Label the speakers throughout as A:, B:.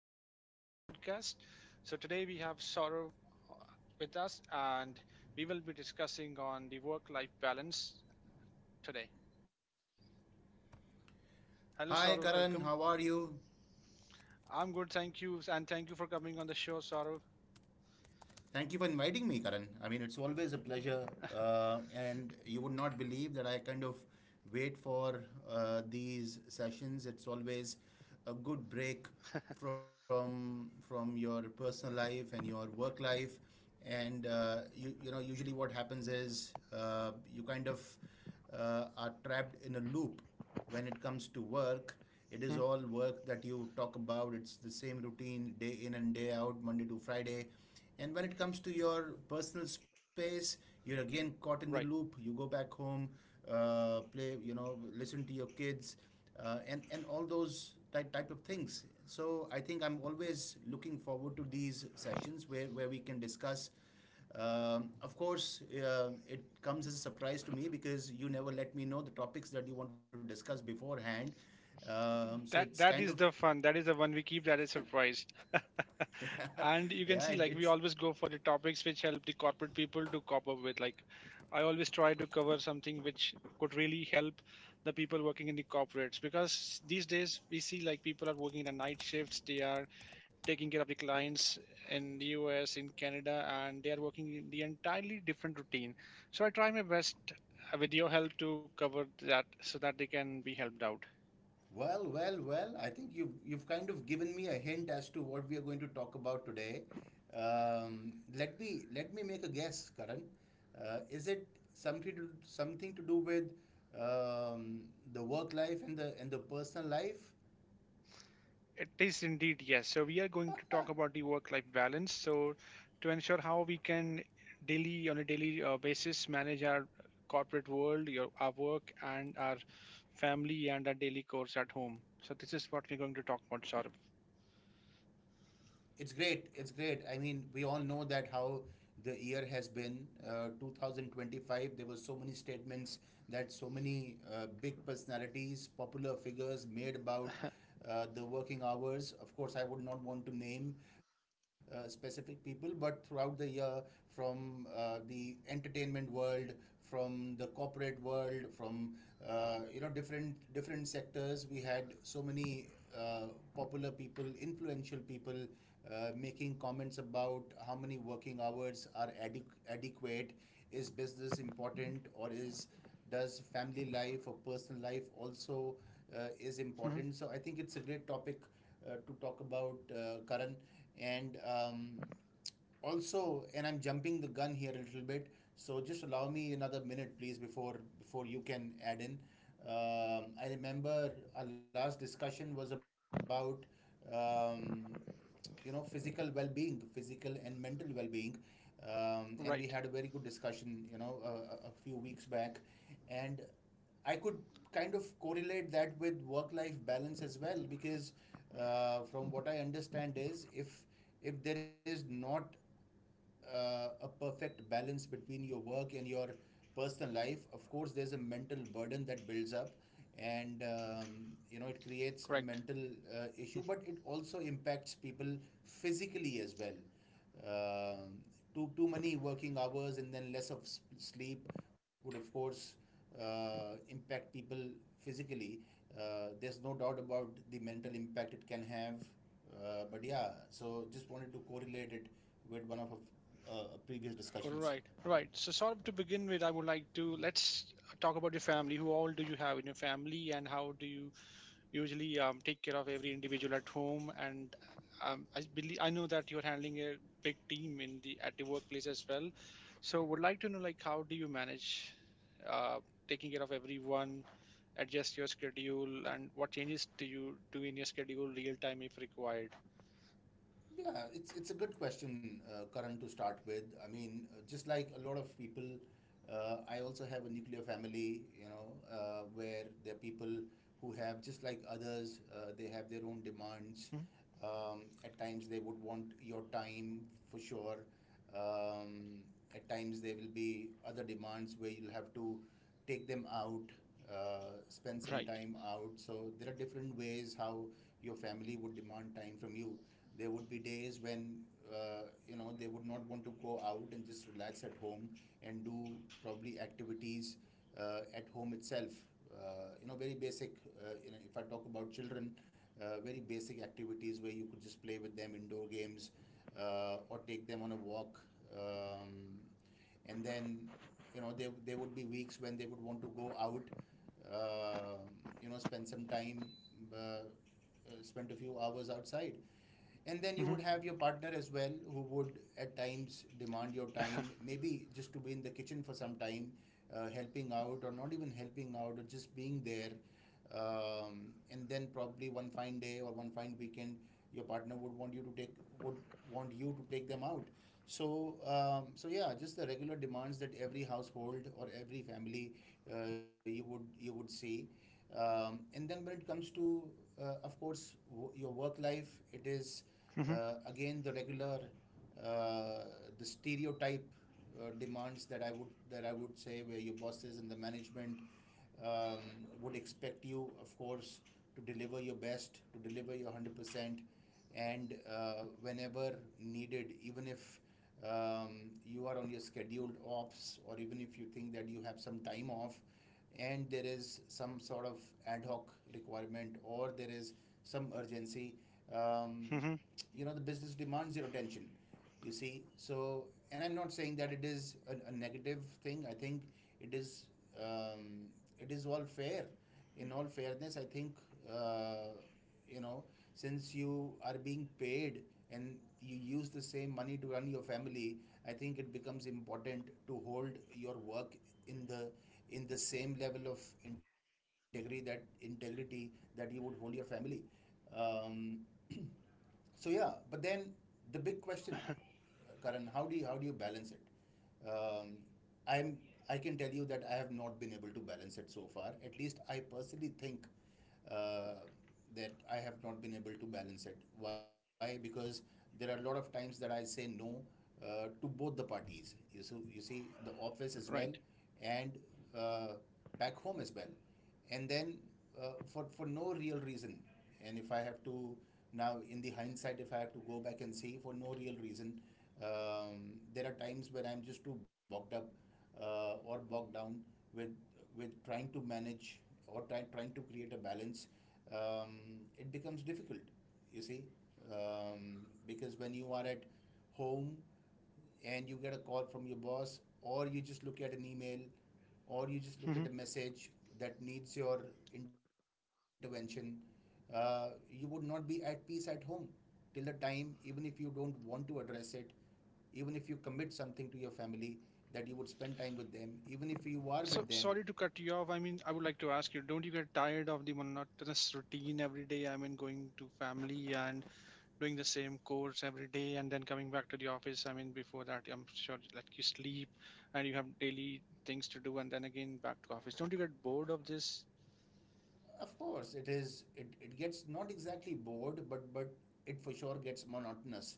A: to our weekly podcast. So today we have Saurav uh, with us, and we will be discussing on the work-life balance today. Hello,
B: Hi,
A: Saurav.
B: Karan.
A: Welcome.
B: How are you?
A: I'm good, thank you, and thank you for coming on the show, Saurav.
B: Thank you for inviting me, Karan. I mean, it's always a pleasure. And you would not believe that I kind of wait for these sessions. It's always a good break from your personal life and your work life. And you know usually what happens is you kind of are trapped in a loop when it comes to work, it is
A: Hmm.
B: all work that you talk about. It's the same routine, day in and day out, Monday to Friday. And when it comes to your personal space, you're again caught in the loop.
A: Right.
B: You go back home, play, you know, listen to your kids, and all those type of things. So I think I'm always looking forward to these sessions where we can discuss. Of course, it comes as a surprise to me because you never let me know the topics that you want to discuss beforehand. So it's
A: That
B: kind of
A: that is the fun. That is the one we keep, that is surprise. And you can
B: yeah,
A: see,
B: it,
A: like, we
B: it's
A: always go for the topics which help the corporate people to cope up with. Like, I always try to cover something which could really help the people working in the corporates, because these days we see like people are working in the night shifts, they are taking care of the clients in the US, in Canada, and they are working in the entirely different routine. So I try my best with your help to cover that so that they can be helped out.
B: Well. I think you've kind of given me a hint as to what we are going to talk about today. Let me make a guess, Karan. Is it something to do with um, the work life and the personal life?
A: It is indeed, yes. So we are going to talk about the work-life balance. So to ensure how we can daily on a daily basis manage our corporate world, your, our work, and our family and our daily chores at home. So this is what we're going to talk about, Saurabh.
B: It's great. It's great. I mean, we all know that how the year has been. 2025, there were so many statements that so many big personalities, popular figures made about the working hours. Of course, I would not want to name specific people, but throughout the year, from the entertainment world, from the corporate world, from you know, different sectors. We had so many uh, popular people, influential people, making comments about how many working hours are adequate. Is business important, or is does family life or personal life also is
A: Hmm.
B: important? So I think it's a great topic to talk about, Karan. And also, and I'm jumping the gun here a little bit, so just allow me another minute, please, before you can add in. I remember our last discussion was about um, you know, physical well-being, physical and mental well-being, and we had a
A: Right.
B: very good discussion, you know, a few weeks back, and I could kind of correlate that with work-life balance as well, because from what I understand is, if there is not a perfect balance between your work and your personal life, of course there's a mental burden that builds up, and you know, it creates a
A: Correct.
B: mental issue, but it also impacts people physically as well. Um, too many working hours and then less of sleep would of course impact people physically. Uh, there's no doubt about the mental impact it can have. But yeah, so just wanted to correlate it with one of our previous discussions.
A: Right. Right. So Saurabh, to begin with, I would like to, let's talk about your family. Who all do you have in your family, and how do you usually take care of every individual at home, and I believe, I know that you're handling a big team in the, at the workplace as well, so would like to know like how do you manage uh, taking care of everyone, adjust your schedule, and what changes do you do in your schedule real time if required.
B: Yeah, it's a good question, Karan, to start with. I mean, just like a lot of people, I also have a nuclear family, you know, where there are people who have, just like others, they have their own demands.
A: Mhm.
B: At times, they would want your time for sure. Um, at times, there will be other demands where you'll have to take them out, spend some
A: Right.
B: time out. So there are different ways how your family would demand time from you. There would be days when uh, you know, they would not want to go out and just relax at home and do probably activities at home itself. You know, very basic. You know, if I talk about children, very basic activities where you could just play with them indoor games or take them on a walk. Um, and then you know, there would be weeks when they would want to go out, uh, you know, spend some time, spend a few hours outside, and then you
A: Mhm.
B: would have your partner as well, who would at times demand your time, maybe just to be in the kitchen for some time, helping out, or not even helping out, or just being there, and then probably one fine day or one fine weekend your partner would want you to take would want you to take them out. So so yeah, just the regular demands that every household or every family you would see. Um, and then when it comes to of course, your work life, it is
A: Mhm.
B: again the regular uh, the stereotype demands that I would say, where your bosses and the management would expect you, of course, to deliver your best, to deliver your 100%, and whenever needed, even if you are on your scheduled offs, or even if you think that you have some time off, and there is some sort of ad hoc requirement, or there is some urgency, um,
A: Mhm.
B: you know, the business demands your attention, you see. So, and I'm not saying that it is a negative thing. I think it is um, it is all fair. In all fairness, I think uh, you know, since you are being paid and you use the same money to run your family, I think it becomes important to hold your work in the same level of integrity integrity that you would hold your family. Um, so yeah, but then the big question, Karan, how do you, balance it? Um, I'm I can tell you that I have not been able to balance it so far. At least I personally think uh, that I have not been able to balance it. Why? Because there are a lot of times that I say no to both the parties. You see, the office as well,
A: Right.
B: and uh, back home as well. And then for no real reason, and if I have to, now in the hindsight, if I have to go back and see, for no real reason, um, there are times when I'm just too bogged up or bogged down with trying to manage, or trying to create a balance. Um, it becomes difficult, you see. Um, because when you are at home and you get a call from your boss, or you just look at an email, or you just look at
A: Mhm.
B: a message that needs your intervention, you would not be at peace at home till the time, even if you don't want to address it, even if you commit something to your family that you would spend time with them, even if you are with
A: So
B: them.
A: sorry to cut you off, I mean, I would like to ask you, don't you get tired of the monotonous routine every day? I mean, going to family and doing the same course every day and then coming back to the office. I mean, before that, I'm sure like you sleep and you have daily things to do and then again back to office. Don't you get bored of this?
B: Of course it is, it gets not exactly bored, but it for sure gets monotonous.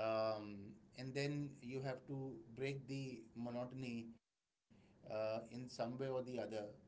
B: Um, and then you have to break the monotony in some way or the other.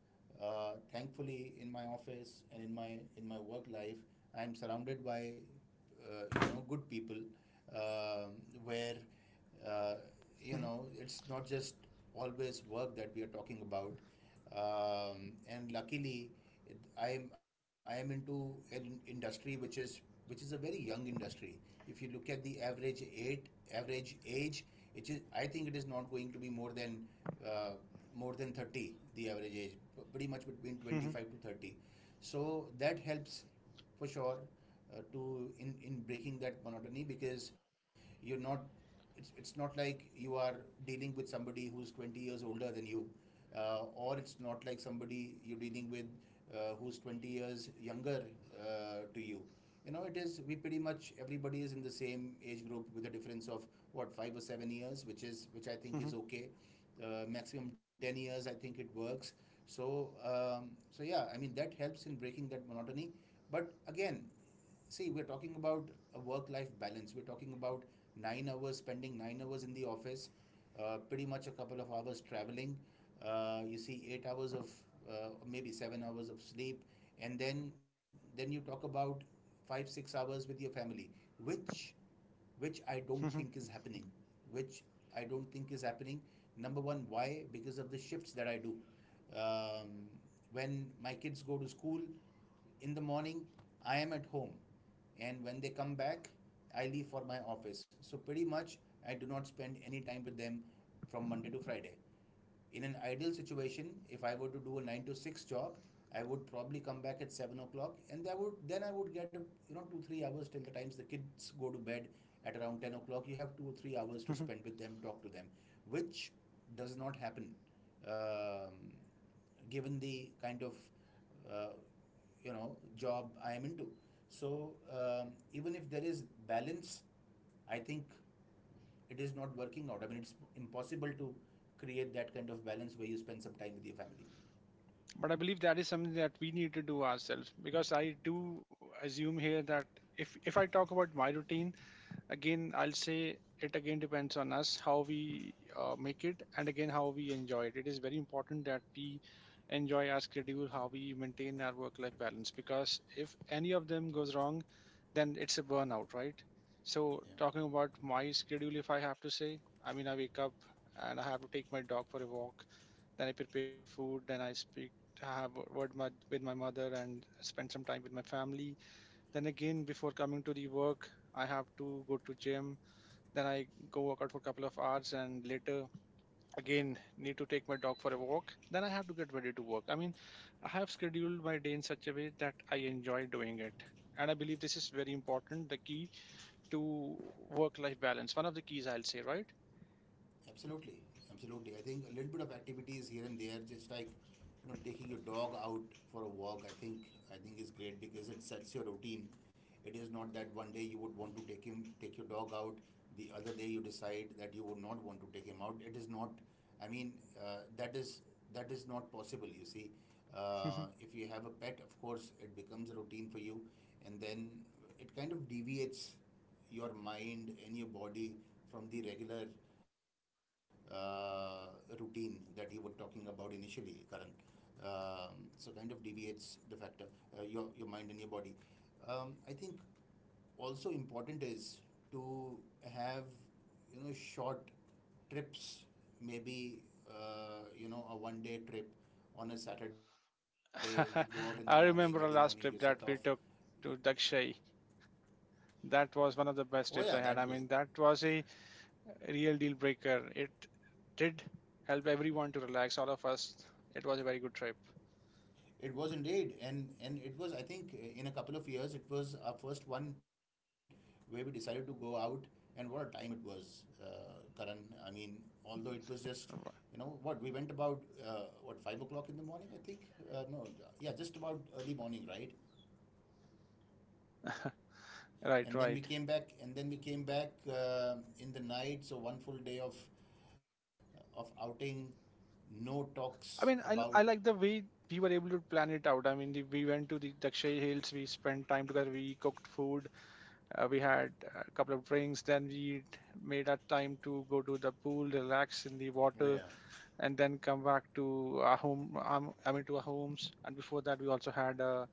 B: Thankfully, in my office and in my work life, I am surrounded by you know, good people, um, where uh, you
A: Mhm.
B: know, it's not just always work that we are talking about. And luckily, I am into an industry which is a very young industry. If you look at the average age, average age, it is, I think it is not going to be more than uh, 30. The average age, pretty much between twenty
A: Mhm.
B: five to 30. So that helps for sure, to in breaking that monotony because you're not it's not like you are dealing with somebody who's 20 years older than you, or it's not like somebody you're dealing with, who's 20 years younger to you. You know, it is we pretty much everybody is in the same age group with a difference of what 5 or 7 years, which is which I think
A: Mhm.
B: is okay. Maximum 10 years, I think it works. So so yeah, I mean that helps in breaking that monotony. But again, see we're talking about a work life balance, we're talking about 9 hours, spending 9 hours in the office, pretty much a couple of hours traveling, you see 8 hours of, uh, maybe 7 hours of sleep, and then you talk about 5 6 hours with your family, which which I don't think
A: Mhm.
B: is happening, which I don't think is happening. Number one, why? Because of the shifts that I do. um, when my kids go to school in the morning, I am at home, and when they come back, I leave for my office. So pretty much I do not spend any time with them from Monday to Friday. In an ideal situation, if I were to do a nine to six job, I would probably come back at 7 o'clock, and that would then I would get a, you know, 2 to 3 hours till the times the kids go to bed at around 10 o'clock. You have 2 or 3 hours to
A: Mhm.
B: spend with them, talk to them, which does not happen, um, given the kind of, uh, you know, job I am into. So even if there is balance, I think it is not working out. I mean, it's impossible to create that kind of balance where you spend some time with your family.
A: But I believe that is something that we need to do ourselves, because I do assume here that if I talk about my routine, again, I'll say it again, depends on us how we make it, and again how we enjoy it. It is very important that we enjoy our schedule, how we maintain our work life balance, because if any of them goes wrong, then it's a burnout, right? So,
B: Yeah,
A: talking about my schedule, if I have to say, I mean, I wake up and I have to take my dog for a walk, then I prepare my food, then I speak, I have a word my, with my mother, and spend some time with my family, then again, before coming to the work, I have to go to gym. Then I go work out for a couple of hours, and later again need to take my dog for a walk. Then I have to get ready to work. I mean, I have scheduled my day in such a way that I enjoy doing it. And I believe this is very important, the key to work life balance. One of the keys, I'll say, right?
B: absolutely, absolutely. I think a little bit of activities here and there, just like, you know, taking your dog out for a walk. I think is great because it sets your routine. It is not that one day you would want to take him, take your dog out. The other day you decide that you would not want to take him out. It is not, I mean, uh, that is that is not possible. You see, if you have a pet, of course, it becomes a routine for you, and then it kind of deviates your mind and your body from the regular, uh, routine that you were talking about initially, Karan. So kind of deviates the factor, your mind and your body. I think also important is to have, you know, short trips, maybe you know, a 1 day trip on a Saturday. You go out in the morning, early
A: I
B: morning, you set
A: remember our
B: off.
A: last trip that we took to Dakshai. That was one of the
B: Oh yeah,
A: best
B: that
A: trips I
B: was.
A: had. I mean, that was a real deal breaker. It did help everyone to relax, all of us. It was a very good trip.
B: It was indeed, and it was I think in a couple of years it was our first one where we decided to go out, and what a time it was, Karan. I mean, although it was just, you know, what we went about, what, 5 o'clock in the morning I think. No, yeah, just about early morning, right?
A: Right,
B: And then we
A: right.
B: came back, and then we came back in the night. So one full day of, of outing, no talks
A: I mean,
B: about.
A: I like the way we were able to plan it out. I mean, the, we went to the Dakshay Hills, we spent time together, we cooked food, we
B: Yeah.
A: had a couple of drinks, then we made our time to go to the pool, relax in the
B: Oh
A: water,
B: yeah.
A: and then come back to our home. I mean, to our homes. And before that, we also had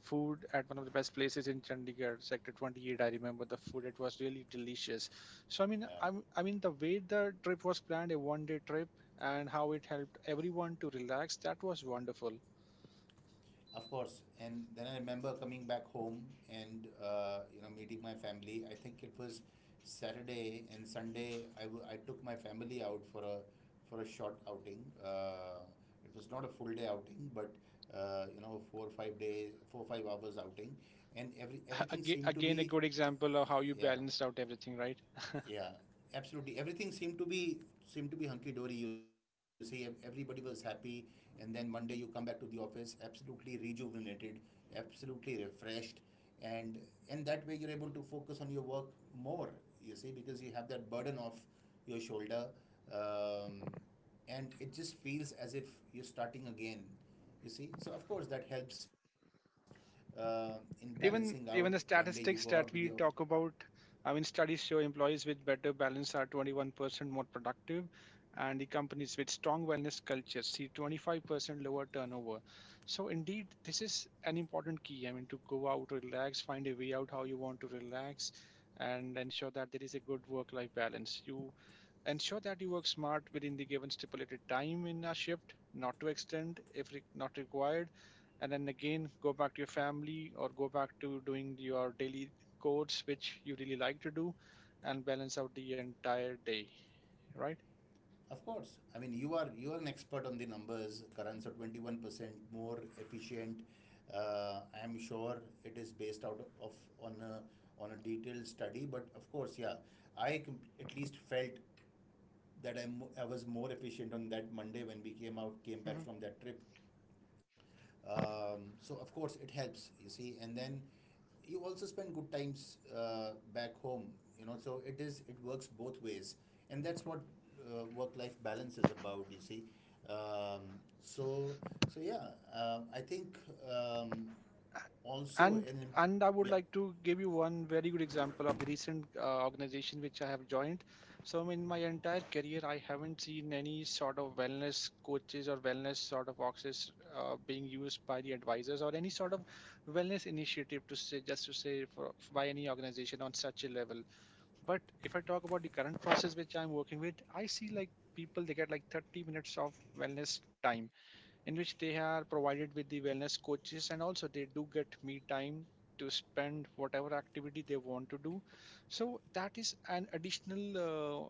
A: food at one of the best places in Chandigarh, Sector 28. I remember the food; it was really delicious. So I mean,
B: Yeah.
A: I'm, I mean, the way the trip was planned, a one-day trip, and how it helped everyone to relax, that was wonderful.
B: Of course, and then I remember coming back home and, you know, meeting my family. I think it was Saturday and Sunday. I took my family out for a short outing. It was not a full day outing, but, you know, 4 or 5 days, 4 or 5 hours outing, and everything
A: Again,
B: seemed to
A: again, a
B: be.
A: good example of how you
B: Yeah,
A: balanced out everything, right?
B: yeah, absolutely. Everything seemed to be hunky dory. You see, everybody was happy, and then Monday you come back to the office absolutely rejuvenated, absolutely refreshed, and and that way you're able to focus on your work more, you see, because you have that burden off your shoulder. um, and it just feels as if you're starting again, you see. So of course that helps, in balancing out.
A: Even
B: One day you
A: even the
B: go out with your.
A: statistics that we talk about, I mean, studies show employees with better balance are 21% more productive, and the companies with strong wellness cultures see 25% lower turnover. So indeed, this is an important key. I mean, to go out, relax, find a way out how you want to relax, and ensure that there is a good work life balance. You ensure that you work smart within the given stipulated time in a shift, not to extend if not required. And then again, go back to your family or go back to doing your daily codes, which you really like to do, and balance out the entire day, right?
B: Of course. I mean, you are an expert on the numbers. Currents are 21% more efficient. I am sure it is based out of on a on a detailed study, but of course, yeah, at least felt that I was more efficient on that Monday when we came out came back
A: Mhm.
B: from that trip. So of course it helps, you see, and then you also spend good times, back home, you know. So it is it works both ways, and that's what, work life balance is about, you see. So so yeah, I think, um, also
A: and
B: in.
A: and I would
B: Yeah,
A: like to give you one very good example of the recent organization which I have joined. So in my entire career, I haven't seen any sort of wellness coaches or wellness sort of boxes being used by the advisors or any sort of wellness initiative to say, just to say for, by any organization on such a level. But if I talk about the current process which I'm working with, I see like people they get like 30 minutes of wellness time, in which they are provided with the wellness coaches, and also they do get me time to spend whatever activity they want to do. So that is an additional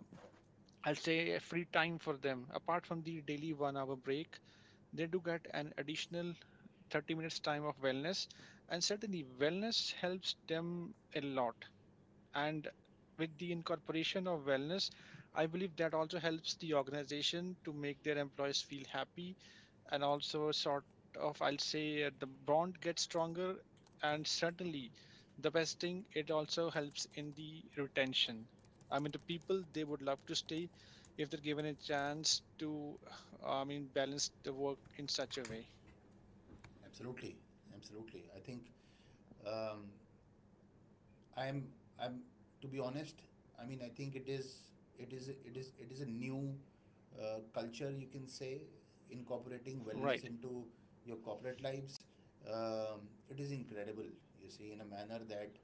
A: uh, I'll say a free time for them. Apart from the daily 1 hour break, they do get an additional 30 minutes time of wellness, and certainly wellness helps them a lot. And with the incorporation of wellness, I believe that also helps the organization to make their employees feel happy, and also sort of, I'll say the bond gets stronger, and certainly the best thing, it also helps in the retention. I mean, the people, they would love to stay if they're given a chance to, I mean, balance the work in such a way.
B: absolutely, absolutely. I think, um, I'm I'm to be honest. I mean, I think it is it is a new, culture you can say, incorporating wellness
A: Right.
B: into your corporate lives. It is incredible, you see, in a manner that,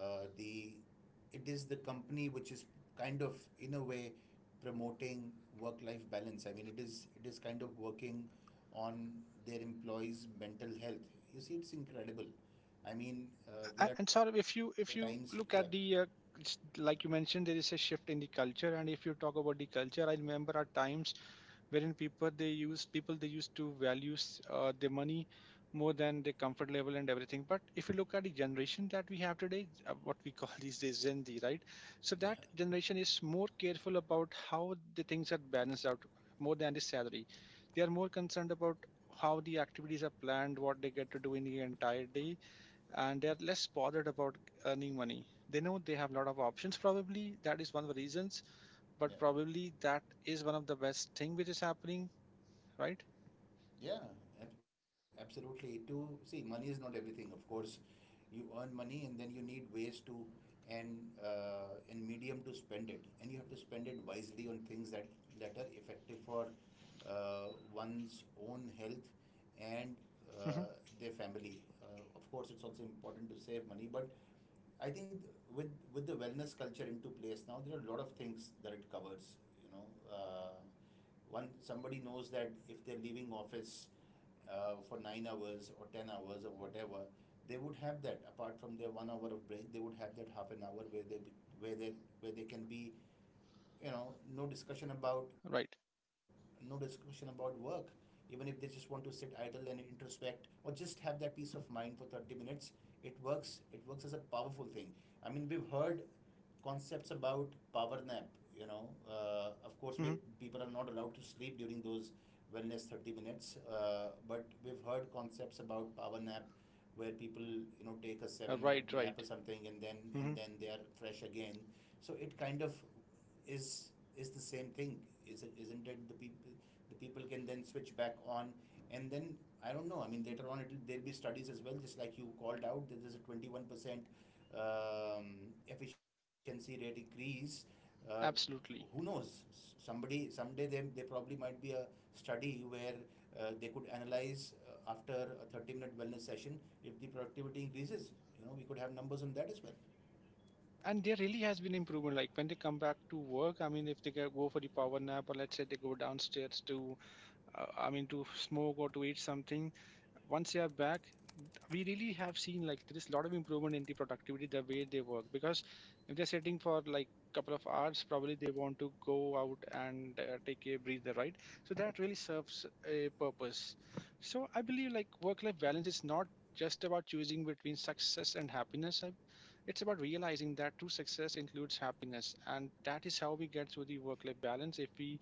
B: the it is the company which is kind of in a way promoting work-life balance. I mean, it is kind of working on their employees' mental health. You see, it's incredible. I mean,
A: A-
B: there are
A: And sort of,
B: times, yeah.
A: if you look at the it's- like you mentioned, there is a shift in the culture, and if you talk about the culture, I remember at times wherein people they use, people they used to value their money more than their comfort level and everything. But if you look at the generation that we have today, what we call these days Gen Z, right? So
B: Yeah,
A: that generation is more careful about how the things are balanced out more than the salary. They are more concerned about how the activities are planned, what they get to do in the entire day, and they are less bothered about earning money. They know they have a lot of options, probably that is one of the reasons,
B: yeah,
A: but probably that is one of the best thing which is happening, right?
B: yeah. Absolutely. To see, money is not everything. Of course, you earn money, and then you need ways to and, and medium to spend it, and you have to spend it wisely on things that are effective for, one's own health and,
A: Mhm.
B: uh, their family. Of course, it's also important to save money, but I think with the wellness culture into place now, there are a lot of things that it covers. You know, one, somebody knows that if they're leaving office, for 9 hours or 10 hours or whatever, they would have that. Apart from their 1 hour of break, they would have that half an hour where they be, where they where they can be, you know, no discussion about
A: Right.
B: work. Even if they just want to sit idle and introspect or just have that peace of mind for 30 minutes, it works, it works as a powerful thing. I mean, we've heard concepts about power nap, you know, of course we
A: Mhm.
B: people are not allowed to sleep during those wellness 30 minutes, but we've heard concepts about power nap where people, you know, take a 7-minute
A: Right,
B: nap or
A: right.
B: something, and then
A: Mhm.
B: they are fresh again. So it kind of is is the same thing, is it, isn't it? The people can then switch back on, and then I don't know. I mean, later on there'll be studies as well, just like you called out that there's a 21%, um, efficiency rate increase. uh, who
A: Absolutely.
B: knows? S- somebody Someday they probably might be a study where, they could analyze, after a 30-minute wellness session if the productivity increases, you know, we could have numbers on that as well.
A: And there really has been improvement. Like when they come back to work, I mean, if they go for the power nap, or let's say they go downstairs to, I mean, to smoke or to eat something, once they are back, we really have seen like there is a lot of improvement in the productivity the way they work, because if they're sitting for like couple of hours, probably they want to go out and take a breather, right? So that really serves a purpose. So I believe like work life balance is not just about choosing between success and happiness. I- it's about realizing that true success includes happiness, and that is how we get through the work life balance, if we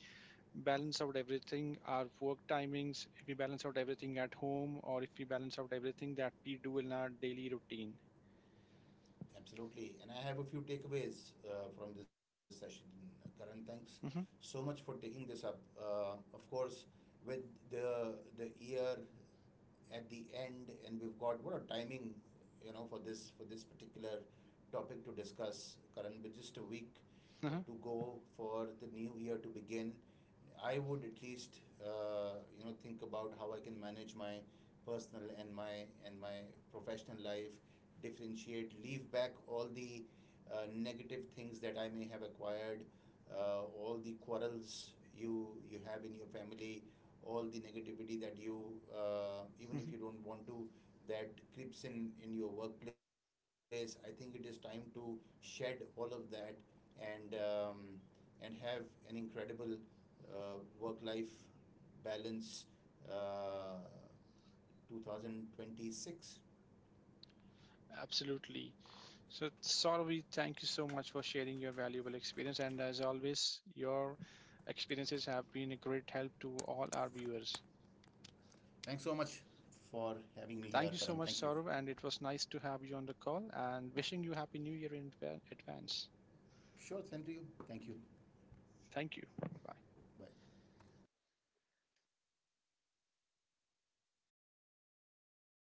A: balance out everything, our work timings, if we balance out everything at home, or if we balance out everything that we do in our daily routine.
B: Absolutely. And I have a few takeaways, from this session. Karan, thanks so
A: Hmm.
B: much for taking this up. Of course, with the year at the end, and we've got what a timing, you know, for this particular topic to discuss, Karan. But just a week,
A: Hmm.
B: to go for the new year to begin, I would at least, you know, think about how I can manage my personal and my professional life, differentiate, leave back all the, negative things that I may have acquired, all the quarrels you have in your family, all the negativity that you, even
A: Hmm.
B: if you don't want to, that creeps in your workplace. I think it is time to shed all of that and, and have an incredible, work life balance, uh, 2026.
A: Absolutely. So, Saurabh, thank you so much for sharing your valuable experience. And as always, your experiences have been a great help to all our viewers.
B: Thanks so much for having me here,
A: Thank you
B: Karan.
A: so much,
B: Thank you.
A: Saurabh, and it was nice to have you on the call and wishing you Happy New Year in advance.
B: Sure, same to you. Thank you.
A: Thank you. Bye.
B: Bye.